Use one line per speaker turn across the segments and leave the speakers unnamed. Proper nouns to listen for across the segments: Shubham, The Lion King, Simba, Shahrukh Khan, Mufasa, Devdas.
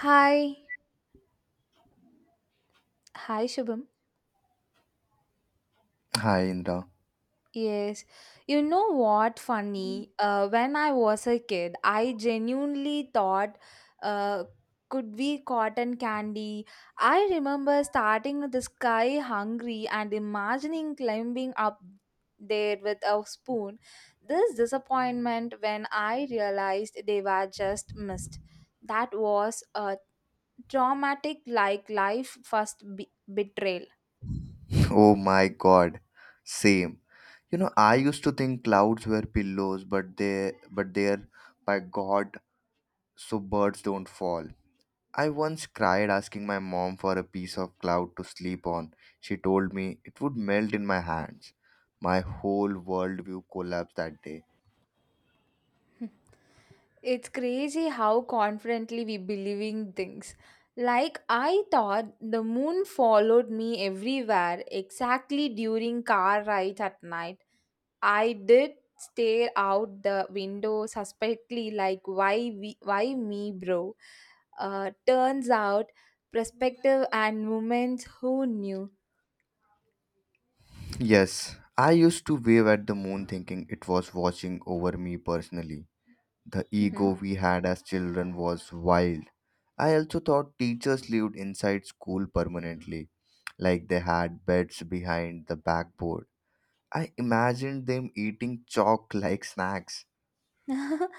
Hi, hi Shubham.
Hi, Indra.
Yes, you know what funny? When I was a kid, I genuinely thought uh, could be cotton candy. I remember starting with the sky hungry and imagining climbing up there with a spoon. This disappointment when I realized they were just missed. That was a traumatic like life betrayal.
Oh my God. Same. You know, I used to think clouds were pillows, but they're, by God, so birds don't fall. I once cried asking my mom for a piece of cloud to sleep on. She told me it would melt in my hands. My whole worldview collapsed that day.
It's crazy how confidently we believe in things. Like I thought the moon followed me everywhere exactly during car rides at night. I did stare out the window suspectly like why me bro. Turns out perspective and moments who knew.
Yes, I used to wave at the moon thinking it was watching over me personally. The ego
Mhm.
we had as children was wild. I also thought teachers lived inside school permanently, like they had beds behind the backboard. I imagined them eating chalk like snacks.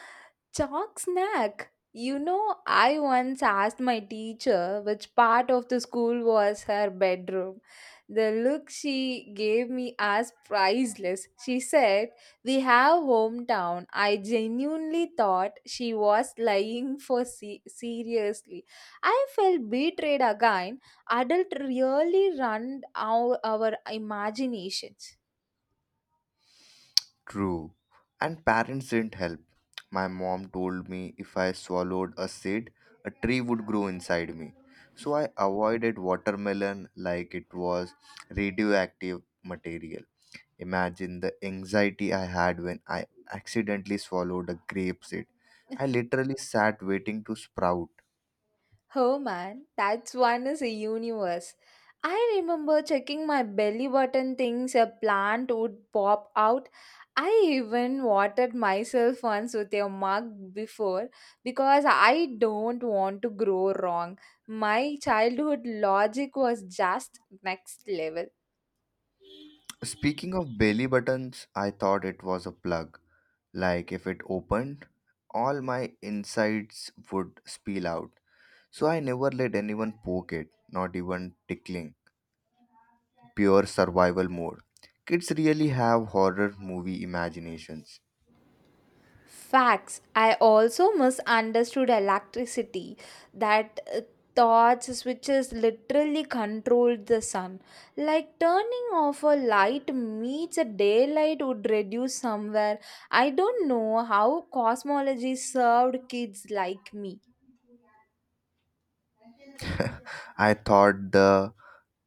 Chalk snack. You know, I once asked my teacher which part of the school was her bedroom. The look she gave me as priceless. She said, we have hometown. I genuinely thought she was lying for seriously. I felt betrayed again. Adult really run our imaginations.
True. And parents didn't help. My mom told me if I swallowed a seed, a tree would grow inside me. So I avoided watermelon like it was radioactive material. Imagine the anxiety I had when I accidentally swallowed a grape seed. I literally sat waiting to sprout.
Oh man, that's one is a universe. I remember checking my belly button things a plant would pop out. I even watered myself once with a mug before because I don't want to grow wrong. My childhood logic was just next level.
Speaking of belly buttons, I thought it was a plug. Like if it opened, all my insides would spill out. So I never let anyone poke it, not even tickling. Pure survival mode. Kids really have horror movie imaginations.
Facts. I also misunderstood electricity, that torch switches literally controlled the sun. Like turning off a light means a daylight would reduce somewhere. I don't know how cosmology served kids like me.
I thought the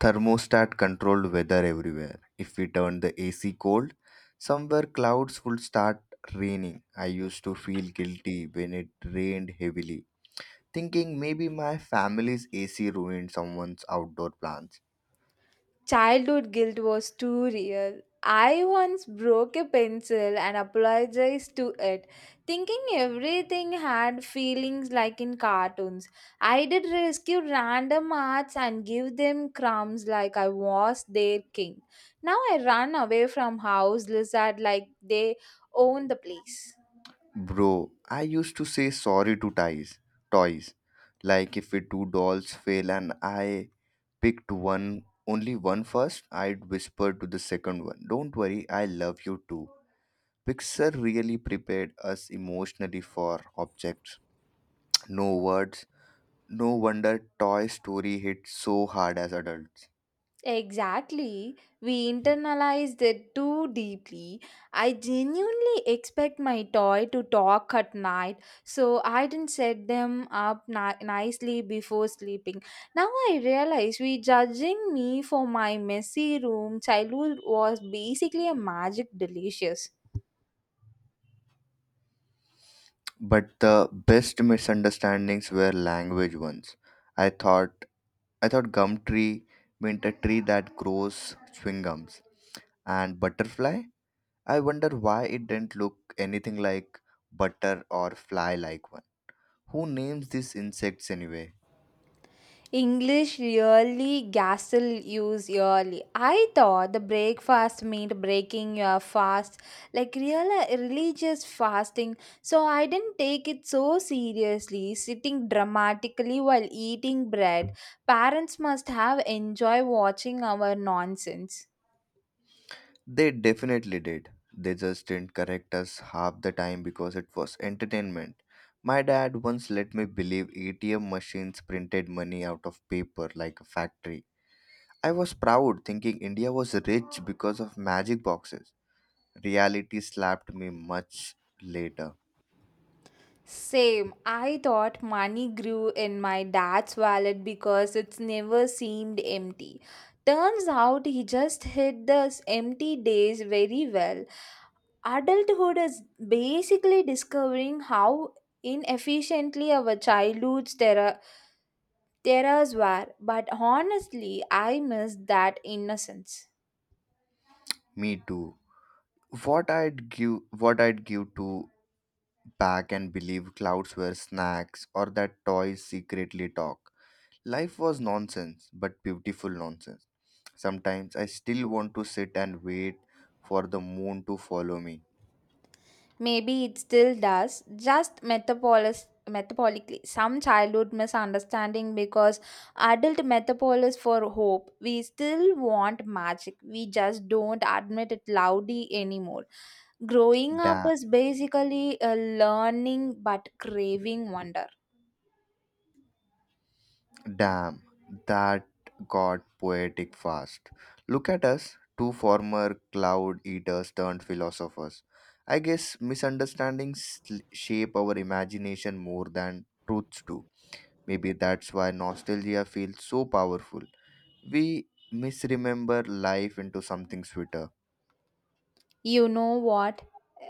thermostat controlled weather everywhere. If we turn the AC cold, somewhere clouds would start raining. I used to feel guilty when it rained heavily, thinking maybe my family's AC ruined someone's outdoor plans.
Childhood guilt was too real. I once broke a pencil and apologized to it, thinking everything had feelings like in cartoons. I did rescue random arts and give them crumbs like I was their king. Now I run away from house lizard like they own the place.
Bro, I used to say sorry to toys. Like if we two dolls fail and I picked one first, I'd whisper to the second one, "Don't worry, I love you too." Pixar really prepared us emotionally for objects. No words. No wonder Toy Story hit so hard as adults.
Exactly. We internalized it too deeply. I genuinely expect my toy to talk at night, so I didn't set them up nicely before sleeping. Now I realize we judging me for my messy room. Childhood was basically a magic delicious.
But the best misunderstandings were language ones. I thought I thought gum tree meant a tree that grows chewing gums. And butterfly? I wonder why it didn't look anything like butter or fly like one. Who names these insects anyway?
English really gasel use yearly. I thought the breakfast meant breaking your fast, like real religious fasting. So I didn't take it so seriously. Sitting dramatically while eating bread, parents must have enjoyed watching our nonsense.
They definitely did. They just didn't correct us half the time because it was entertainment. My dad once let me believe ATM machines printed money out of paper like a factory. I was proud, thinking India was rich because of magic boxes. Reality slapped me much later.
Same. I thought money grew in my dad's wallet because it's never seemed empty. Turns out he just hid those empty days very well. Adulthood is basically discovering how inefficiently our childhood's terrors were. But honestly, I miss that innocence.
Me too. What I'd give to back and believe clouds were snacks or that toys secretly talk. Life was nonsense, but beautiful nonsense. Sometimes I still want to sit and wait for the moon to follow me.
Maybe it still does, just metabolically. Some childhood misunderstanding because adult metabolis for hope. We still want magic. We just don't admit it loudly anymore. Growing up
Damn,
is basically a learning but craving wonder.
damn, that got poetic fast. Look at us, two former cloud eaters turned philosophers. I guess shape our imagination more than truths do. Maybe that's why nostalgia feels so powerful. We misremember life into something sweeter.
You know what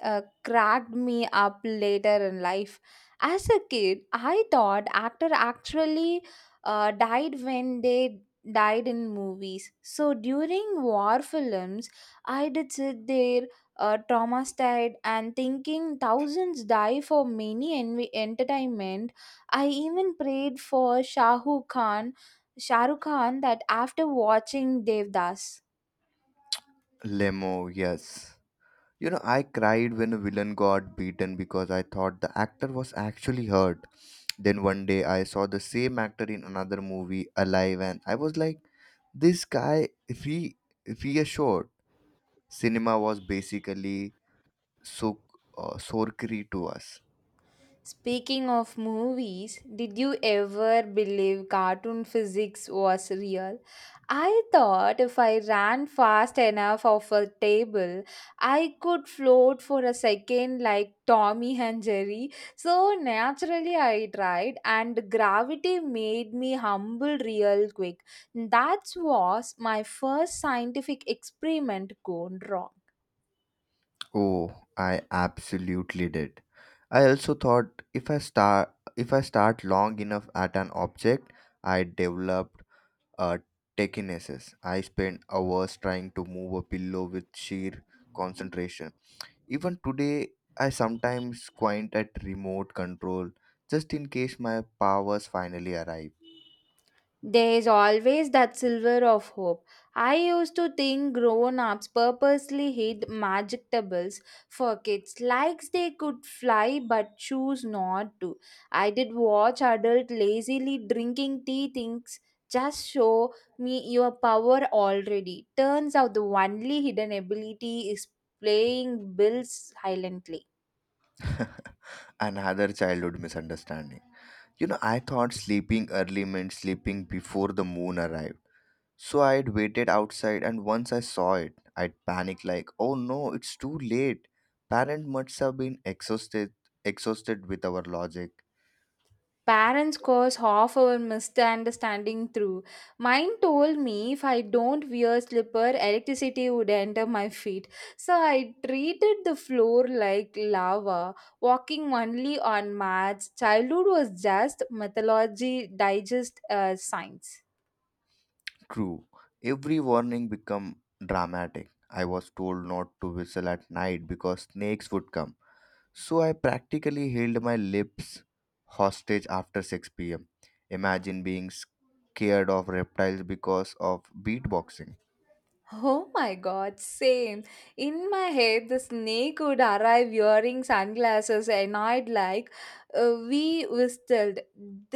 cracked me up later in life? As a kid, I thought actor actually died when they died in movies. So during war films, I did sit there traumatized and thinking thousands die for many entertainment. I even prayed for Shahrukh Khan that after watching Devdas.
Lemo, yes. You know, I cried when a villain got beaten because I thought the actor was actually hurt. Then one day I saw the same actor in another movie, alive, and I was like, this guy, if he is short, cinema was basically so, sorcery to us.
Speaking of movies, did you ever believe cartoon physics was real? I thought if I ran fast enough off a table, I could float for a second like Tommy and Jerry. So naturally, I tried, and gravity made me humble real quick. That was my first scientific experiment gone wrong.
Oh, I absolutely did. I also thought if I start long enough at an object, I developed uh, techinesis. I spent hours trying to move a pillow with sheer concentration. Even today, I sometimes squint at remote control just in case my powers finally arrive.
There is always that silver of hope. I used to think grown ups purposely hid magic tables for kids, like they could fly but choose not to. I did watch adults lazily drinking tea things. Just show me your power already. Turns out the only hidden ability is playing bills silently.
Another childhood misunderstanding. You know, I thought sleeping early meant sleeping before the moon arrived. So I had waited outside, and once I saw it, I panicked like, "Oh no, it's too late." Parent must have been exhausted with our logic.
Parents cause half our misunderstanding through. Mine told me if I don't wear slipper, electricity would enter my feet. So I treated the floor like lava, walking only on mats. Childhood was just mythology, digest science.
True. Every warning become dramatic. I was told not to whistle at night because snakes would come. So I practically held my lips hostage after 6 pm. Imagine being scared of reptiles because of beatboxing.
Oh my god, same. In my head, the snake would arrive wearing sunglasses, and I'd like, we whistled.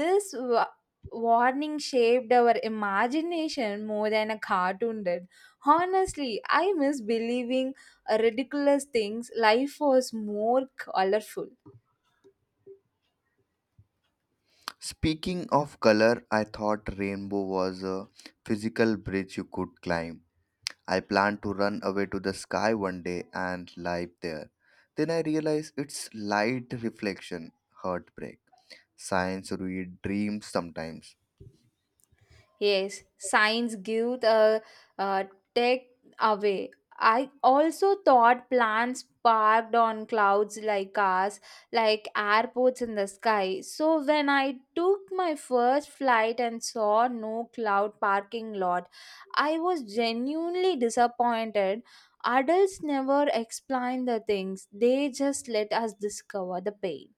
This wa- Warning shaped our imagination more than a cartoon did. Honestly, I miss believing ridiculous things. Life was more colorful.
Speaking of color, I thought rainbow was a physical bridge you could climb. I planned to run away to the sky one day and live there. Then I realized it's light reflection, heartbreak. Science ruined dreams sometimes.
Yes, signs give the uh, tech away. I also thought plants parked on clouds like cars, like airports in the sky. So when I took my first flight and saw no cloud parking lot, I was genuinely disappointed. Adults never explain the things, they just let us discover the pain.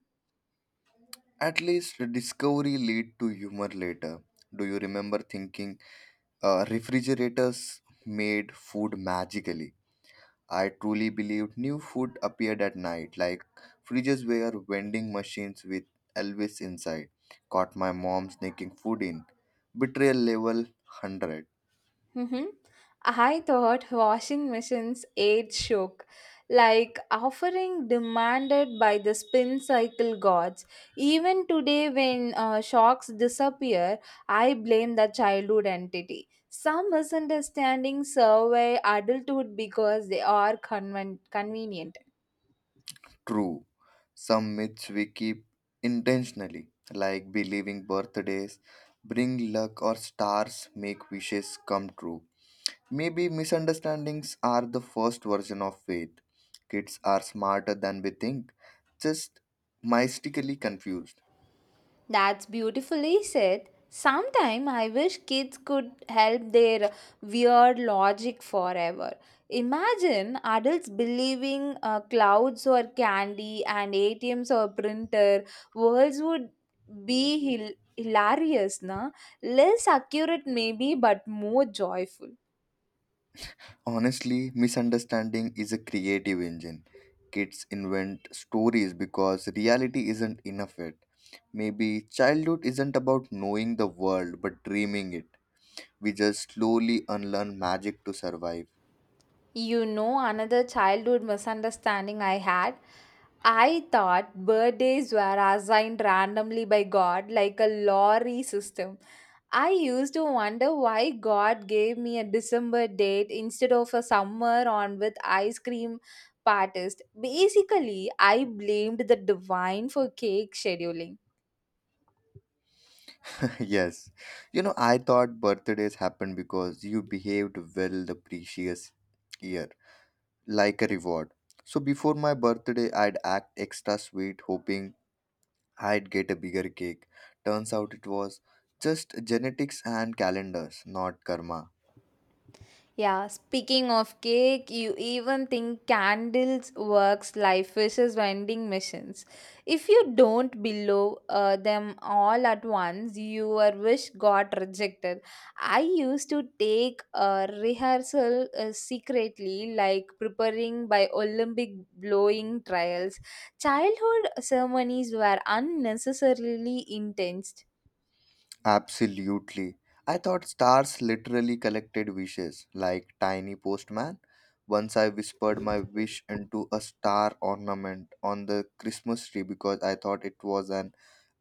At least the discovery lead to humor later. Do you remember thinking refrigerators made food magically? I truly believed new food appeared at night, like fridges were vending machines with Elvis inside. Caught my mom sneaking food in. Betrayal level 100.
Mm-hmm. I thought washing machines ate shook, like offering demanded by the spin cycle gods. Even today, when shocks disappear, I blame the childhood entity. Some misunderstandings survey adulthood because they are convenient.
True. Some myths we keep intentionally, like believing birthdays bring luck or stars make wishes come true. Maybe misunderstandings are the first version of faith. Kids are smarter than we think, just mystically confused.
That's beautifully said. Sometime I wish kids could help their weird logic forever. Imagine adults believing clouds or candy and ATMs or printer. Worlds would be hilarious, na? Less accurate maybe, but more joyful.
Honestly, misunderstanding is a creative engine. Kids invent stories because reality isn't enough yet. Maybe childhood isn't about knowing the world but dreaming it. We just slowly unlearn magic to survive.
You know, another childhood misunderstanding I had. I thought birthdays were assigned randomly by God, like a lottery system. I used to wonder why God gave me a December date instead of a summer on with ice cream parties. Basically, I blamed the divine for cake scheduling.
Yes. You know, I thought birthdays happened because you behaved well the previous year, like a reward. So before my birthday, I'd act extra sweet, hoping I'd get a bigger cake. Turns out it was just genetics and calendars, not karma.
Yeah, speaking of cake, you even think candles works like fishes vending machines. If you don't below them all at once, your wish got rejected. I used to take a rehearsal secretly, like preparing by Olympic blowing trials. Childhood ceremonies were unnecessarily intense.
Absolutely. I thought stars literally collected wishes, like tiny postman. Once I whispered my wish into a star ornament on the Christmas tree because I thought it was an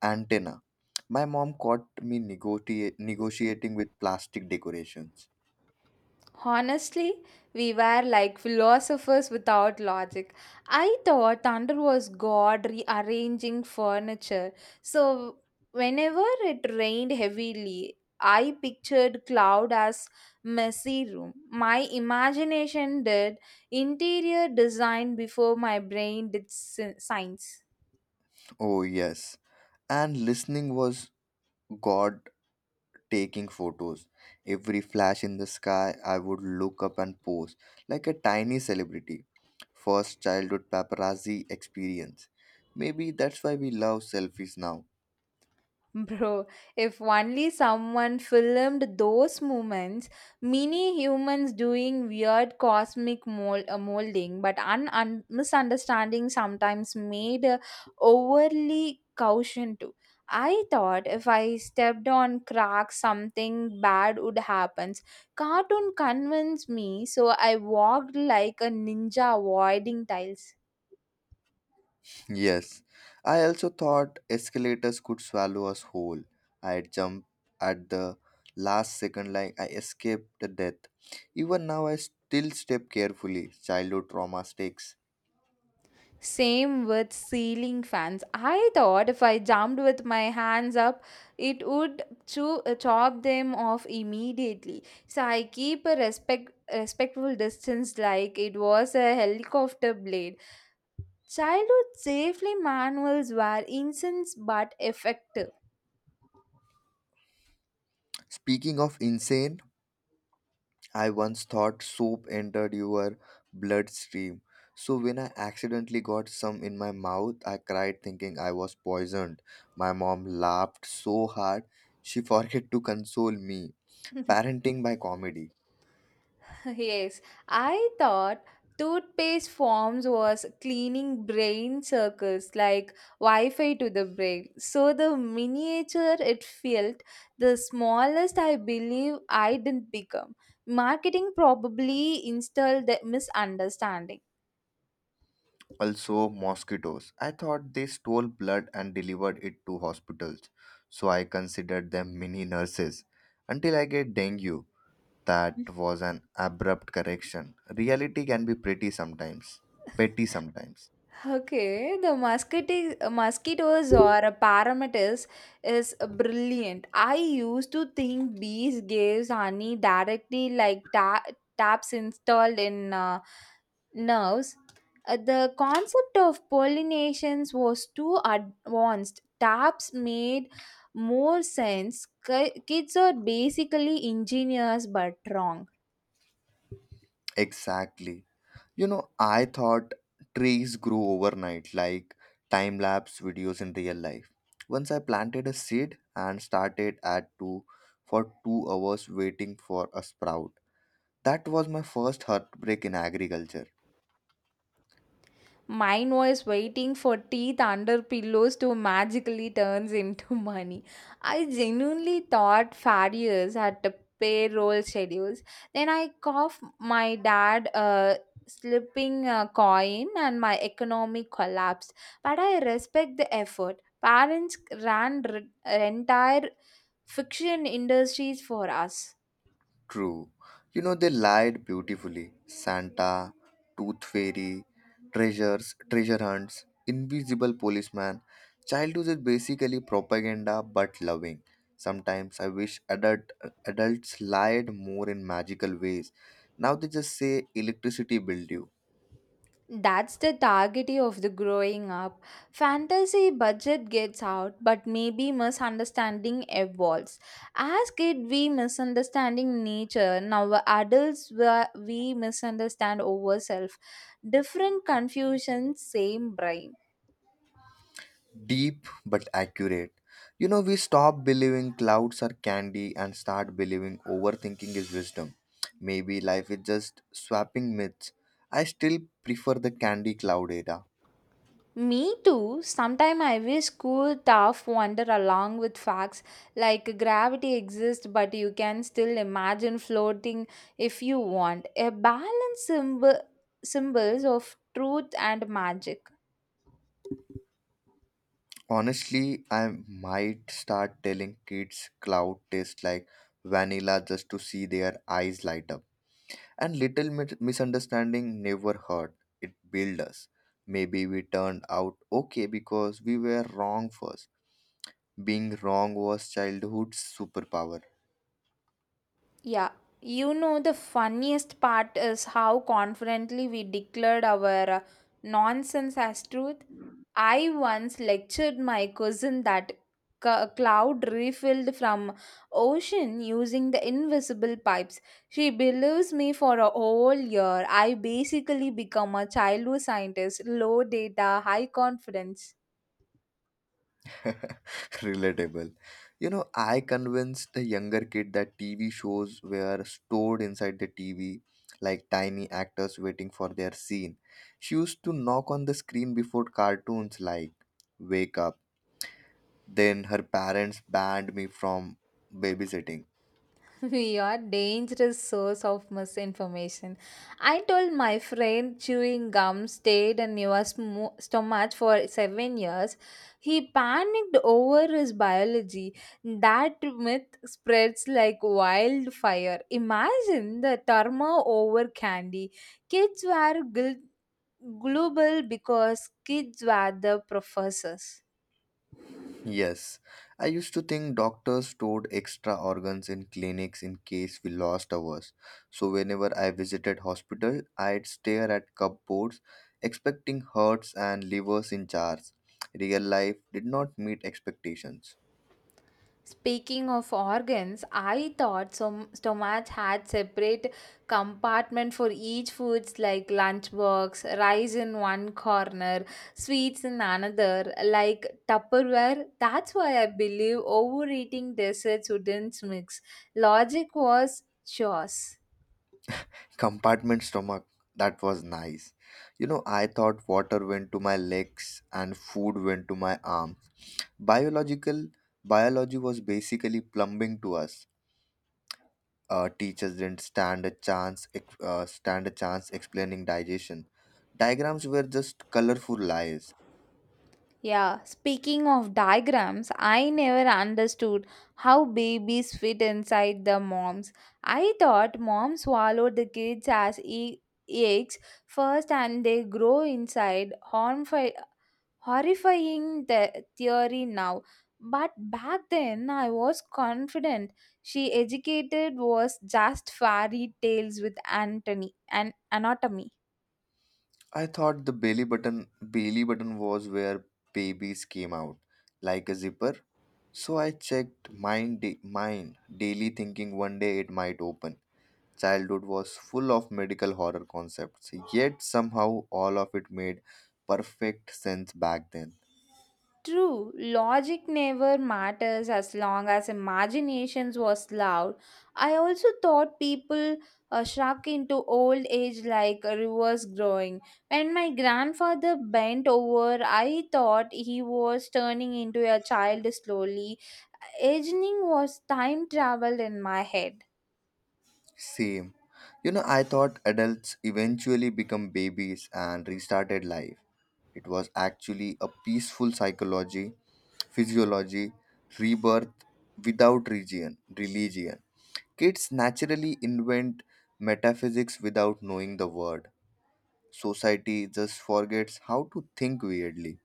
antenna. My mom caught me negotiating with plastic decorations.
Honestly, we were like philosophers without logic. I thought thunder was God rearranging furniture. So, whenever it rained heavily, I pictured cloud as messy room. My imagination did interior design before my brain did science.
Oh, yes. And listening was God taking photos. Every flash in the sky, I would look up and pose like a tiny celebrity. First childhood paparazzi experience. Maybe that's why we love selfies now.
Bro, if only someone filmed those moments, mini humans doing weird cosmic molding, but misunderstanding sometimes made overly caution too. I thought if I stepped on cracks, something bad would happen. Cartoon convinced me, so I walked like a ninja avoiding tiles.
Yes, I also thought escalators could swallow us whole. I'd jump at the last second like I escaped the death. Even now, I still step carefully. Childhood trauma sticks.
Same with ceiling fans. I thought if I jumped with my hands up, it would chop them off immediately. So I keep a respectful distance like it was a helicopter blade. Childhood safely manuals were incense but effective.
Speaking of insane, I once thought soup entered your bloodstream. So when I accidentally got some in my mouth, I cried thinking I was poisoned. My mom laughed so hard, she forgot to console me. Parenting by comedy.
Yes, I thought toothpaste forms was cleaning brain circles like Wi-Fi to the brain. So the miniature it felt, the smallest I believe I didn't become. Marketing probably installed the misunderstanding.
Also, mosquitoes. I thought they stole blood and delivered it to hospitals. So I considered them mini nurses. Until I get dengue. That was an abrupt correction. Reality can be pretty sometimes, petty sometimes.
Okay, the mosquito mosquitoes or parameters is brilliant. I used to think bees gives honey directly like taps installed in nerves. The concept of pollinations was too advanced. Taps made more sense. Kids are basically engineers but wrong.
Exactly. You know, I thought trees grew overnight like time lapse videos in real life. Once I planted a seed and started at 2 for 2 hours waiting for a sprout. That was my first heartbreak in agriculture.
Mine was waiting for teeth under pillows to magically turns into money. I genuinely thought farriers had to payroll schedules. Then I cough my dad slipping a coin and my economy collapsed. But I respect the effort. Parents entire fiction industries for us.
True. You know, they lied beautifully. Santa, Tooth Fairy, treasures, treasure hunts, invisible policeman. Childhood is basically propaganda but loving. Sometimes I wish adults lied more in magical ways. Now they just say electricity build you.
That's the target of the growing up. Fantasy budget gets out, but maybe misunderstanding evolves. As kid, we misunderstanding nature. Now adults, we misunderstand ourselves. Different confusion, same brain.
Deep but accurate. You know, we stop believing clouds are candy and start believing overthinking is wisdom. Maybe life is just swapping myths. I still prefer the candy cloud era.
Me too. Sometimes I wish cool, tough wonder along with facts like gravity exists, but you can still imagine floating if you want. A balance symbols of truth and magic.
Honestly, I might start telling kids cloud tastes like vanilla just to see their eyes light up. And little misunderstanding never hurt, it built us. Maybe we turned out okay because we were wrong first. Being wrong was childhood's superpower.
Yeah, you know, the funniest part is how confidently we declared our nonsense as truth. I once lectured my cousin that cloud refilled from ocean using the invisible pipes. She believes me for a whole year. I basically become a childhood scientist, low data, high confidence.
Relatable. You know, I convinced the younger kid that TV shows were stored inside the TV like tiny actors waiting for their scene. She used to knock on the screen before cartoons like, "Wake up." Then her parents banned me from babysitting.
We are dangerous source of misinformation. I told my friend chewing gum stayed in your stomach for 7 years. He panicked over his biology. That myth spreads like wildfire. Imagine the turmoil over candy. Kids were global because kids were the professors.
Yes, I used to think doctors stored extra organs in clinics in case we lost ours. So whenever I visited hospital, I'd stare at cupboards, expecting hearts and livers in jars. Real life did not meet expectations.
Speaking of organs, I thought some stomach had separate compartment for each foods like lunchbox, rice in one corner, sweets in another, like Tupperware. That's why I believe overeating desserts wouldn't mix. Logic was chores.
Compartment stomach, that was nice. You know, I thought water went to my legs and food went to my arms. Biological biology was basically plumbing to us. Teachers didn't stand a chance explaining digestion. Diagrams were just colorful lies.
Yeah, speaking of diagrams, I never understood how babies fit inside the moms. I thought moms swallowed the kids as eggs first and they grow inside. Horrifying the theory now. But back then, I was confident she educated was just fairy tales with Anthony and anatomy.
I thought the belly button was where babies came out, like a zipper. So I checked mine daily, thinking one day it might open. Childhood was full of medical horror concepts, yet somehow all of it made perfect sense back then.
True, logic never matters as long as imaginations was loud. I also thought people shrunk into old age like rivers growing. When my grandfather bent over, I thought he was turning into a child slowly. Aging was time travel in my head.
Same. You know, I thought adults eventually become babies and restarted life. It was actually a peaceful physiology, rebirth without religion. Kids naturally invent metaphysics without knowing the word. Society just forgets how to think weirdly.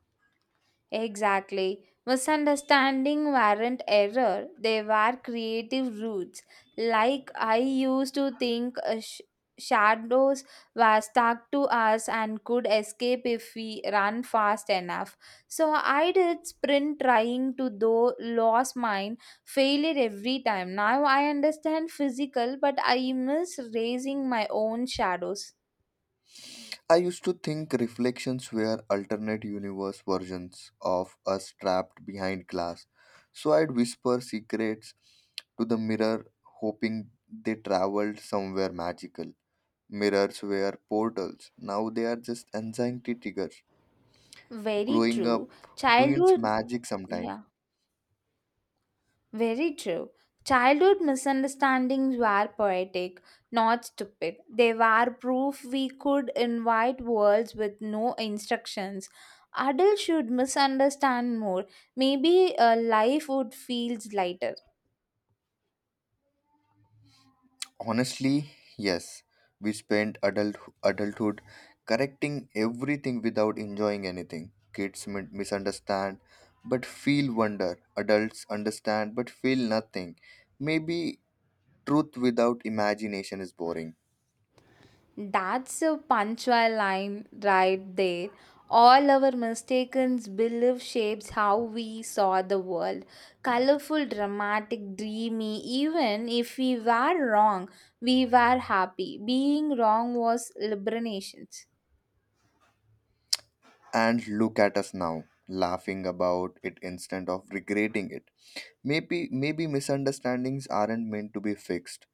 Exactly. Misunderstanding weren't error, they were creative roots. Like I used to think shadows were stuck to us and could escape if we run fast enough. So I did sprint trying to though lost mine, failed every time. Now I understand physical, but I miss raising my own shadows.
I used to think reflections were alternate universe versions of us trapped behind glass. So I'd whisper secrets to the mirror, hoping they traveled somewhere magical. Mirrors were portals. Now they are just anxiety triggers.
Very
Growing
true.
up ruins
Childhood,
magic sometimes.
yeah. Very true. Childhood misunderstandings were poetic, not stupid. They were proof we could invite worlds with no instructions. Adults should misunderstand more. Maybe a life would feel lighter.
Honestly, yes. We spent adulthood correcting everything without enjoying anything. Kids misunderstand but feel wonder. Adults understand but feel nothing. Maybe truth without imagination is boring.
That's a punctual line right there. All our mistaken belief shapes how we saw the world. Colorful, dramatic, dreamy. Even if we were wrong, we were happy. Being wrong was liberation.
And look at us now, laughing about it instead of regretting it. Maybe misunderstandings aren't meant to be fixed.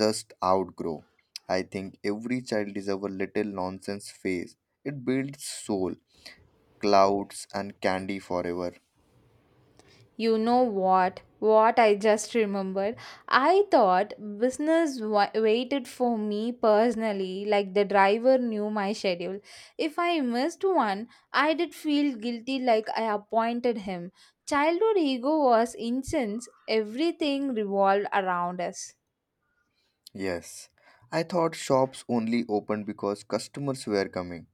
Just outgrow. I think every child deserves a little nonsense phase. It builds soul, clouds, and candy forever.
You know what? What I just remembered. I thought business waited for me personally, like the driver knew my schedule. If I missed one, I did feel guilty like I appointed him. Childhood ego was intense, everything revolved around us.
Yes, I thought shops only opened because customers were coming.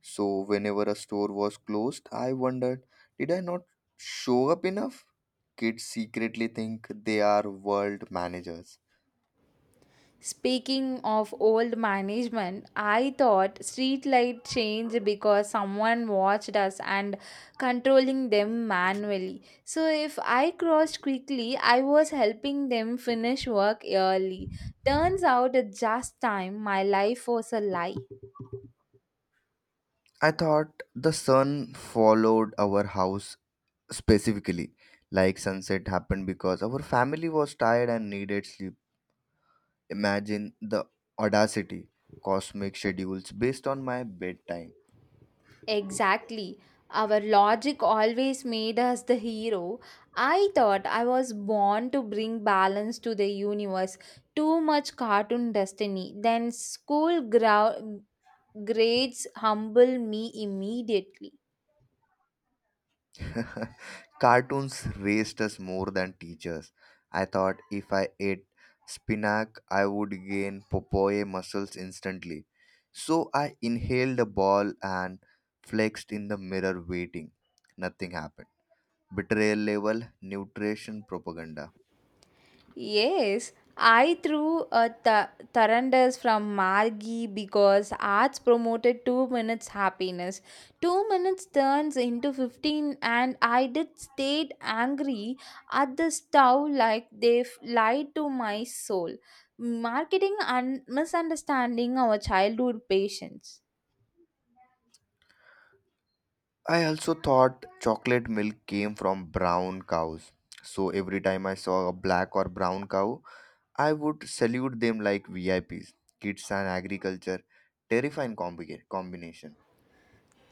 So, whenever a store was closed, I wondered, did I not show up enough? Kids secretly think they are world managers.
Speaking of old management, I thought streetlight changed because someone watched us and controlling them manually. So if I crossed quickly, I was helping them finish work early. Turns out at just time my life was a lie.
I thought the sun followed our house specifically, like sunset happened because our family was tired and needed sleep. Imagine the audacity, cosmic schedules based on my bedtime.
Exactly. Our logic always made us the hero. I thought I was born to bring balance to the universe. Too much cartoon destiny. Then grades humble me immediately.
Cartoons raised us more than teachers. I thought if I ate spinach I would gain popoe muscles instantly, so I inhaled a ball and flexed in the mirror waiting. Nothing happened. Betrayal level, nutrition propaganda.
Yes, I threw a Tarandas from Margi because arts promoted 2 minutes happiness. 2 minutes turns into 15 and I did stayed angry at the stove like they've lied to my soul. Marketing and misunderstanding our childhood patience.
I also thought chocolate milk came from brown cows. So every time I saw a black or brown cow, I would salute them like VIPs. Kids and agriculture, terrifying combination.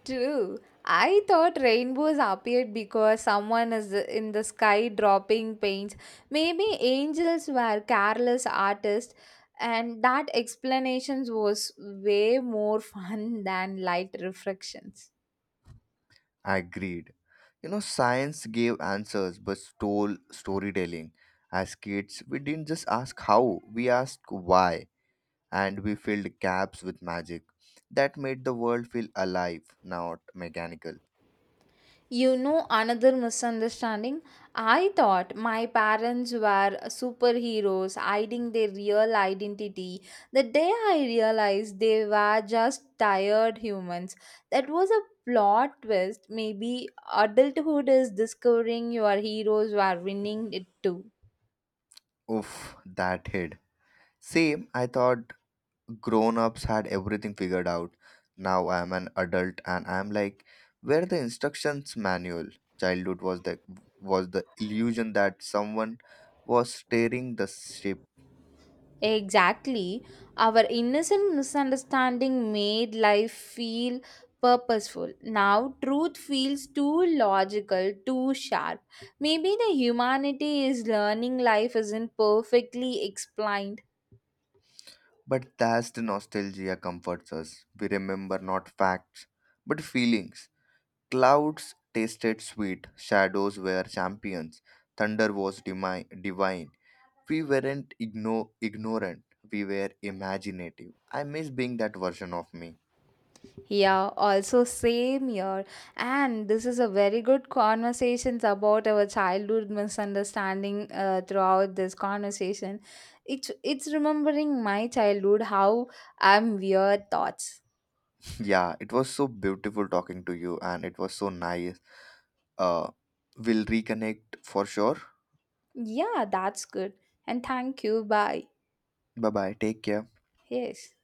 True. I thought rainbows appeared because someone is in the sky dropping paints. Maybe angels were careless artists, and that explanations was way more fun than light reflections.
Agreed. You know, science gave answers but stole storytelling. As kids, we didn't just ask how, we asked why, and we filled gaps with magic. That made the world feel alive, not mechanical.
You know, another misunderstanding. I thought my parents were superheroes hiding their real identity. The day I realized they were just tired humans, that was a plot twist. Maybe adulthood is discovering your heroes were winning it too.
Oof, that hit. Same, I thought grown ups had everything figured out. Now I am an adult and I am like, where the instructions manual? Childhood was the illusion that someone was steering the ship.
Exactly. Our innocent misunderstanding made life feel purposeful. Now, truth feels too logical, too sharp. Maybe the humanity is learning life isn't perfectly explained.
But that's the nostalgia comforts us. We remember not facts, but feelings. Clouds tasted sweet, shadows were champions, thunder was divine. We weren't ignorant, we were imaginative. I miss being that version of me.
Yeah, also, same here. And this is a very good conversations about our childhood misunderstanding throughout this conversation. It's remembering my childhood, how I'm weird thoughts.
Yeah, it was so beautiful talking to you and it was so nice. uh we'll reconnect for sure.
Yeah, that's good. And thank you. Bye.
Bye bye, take care.
Yes.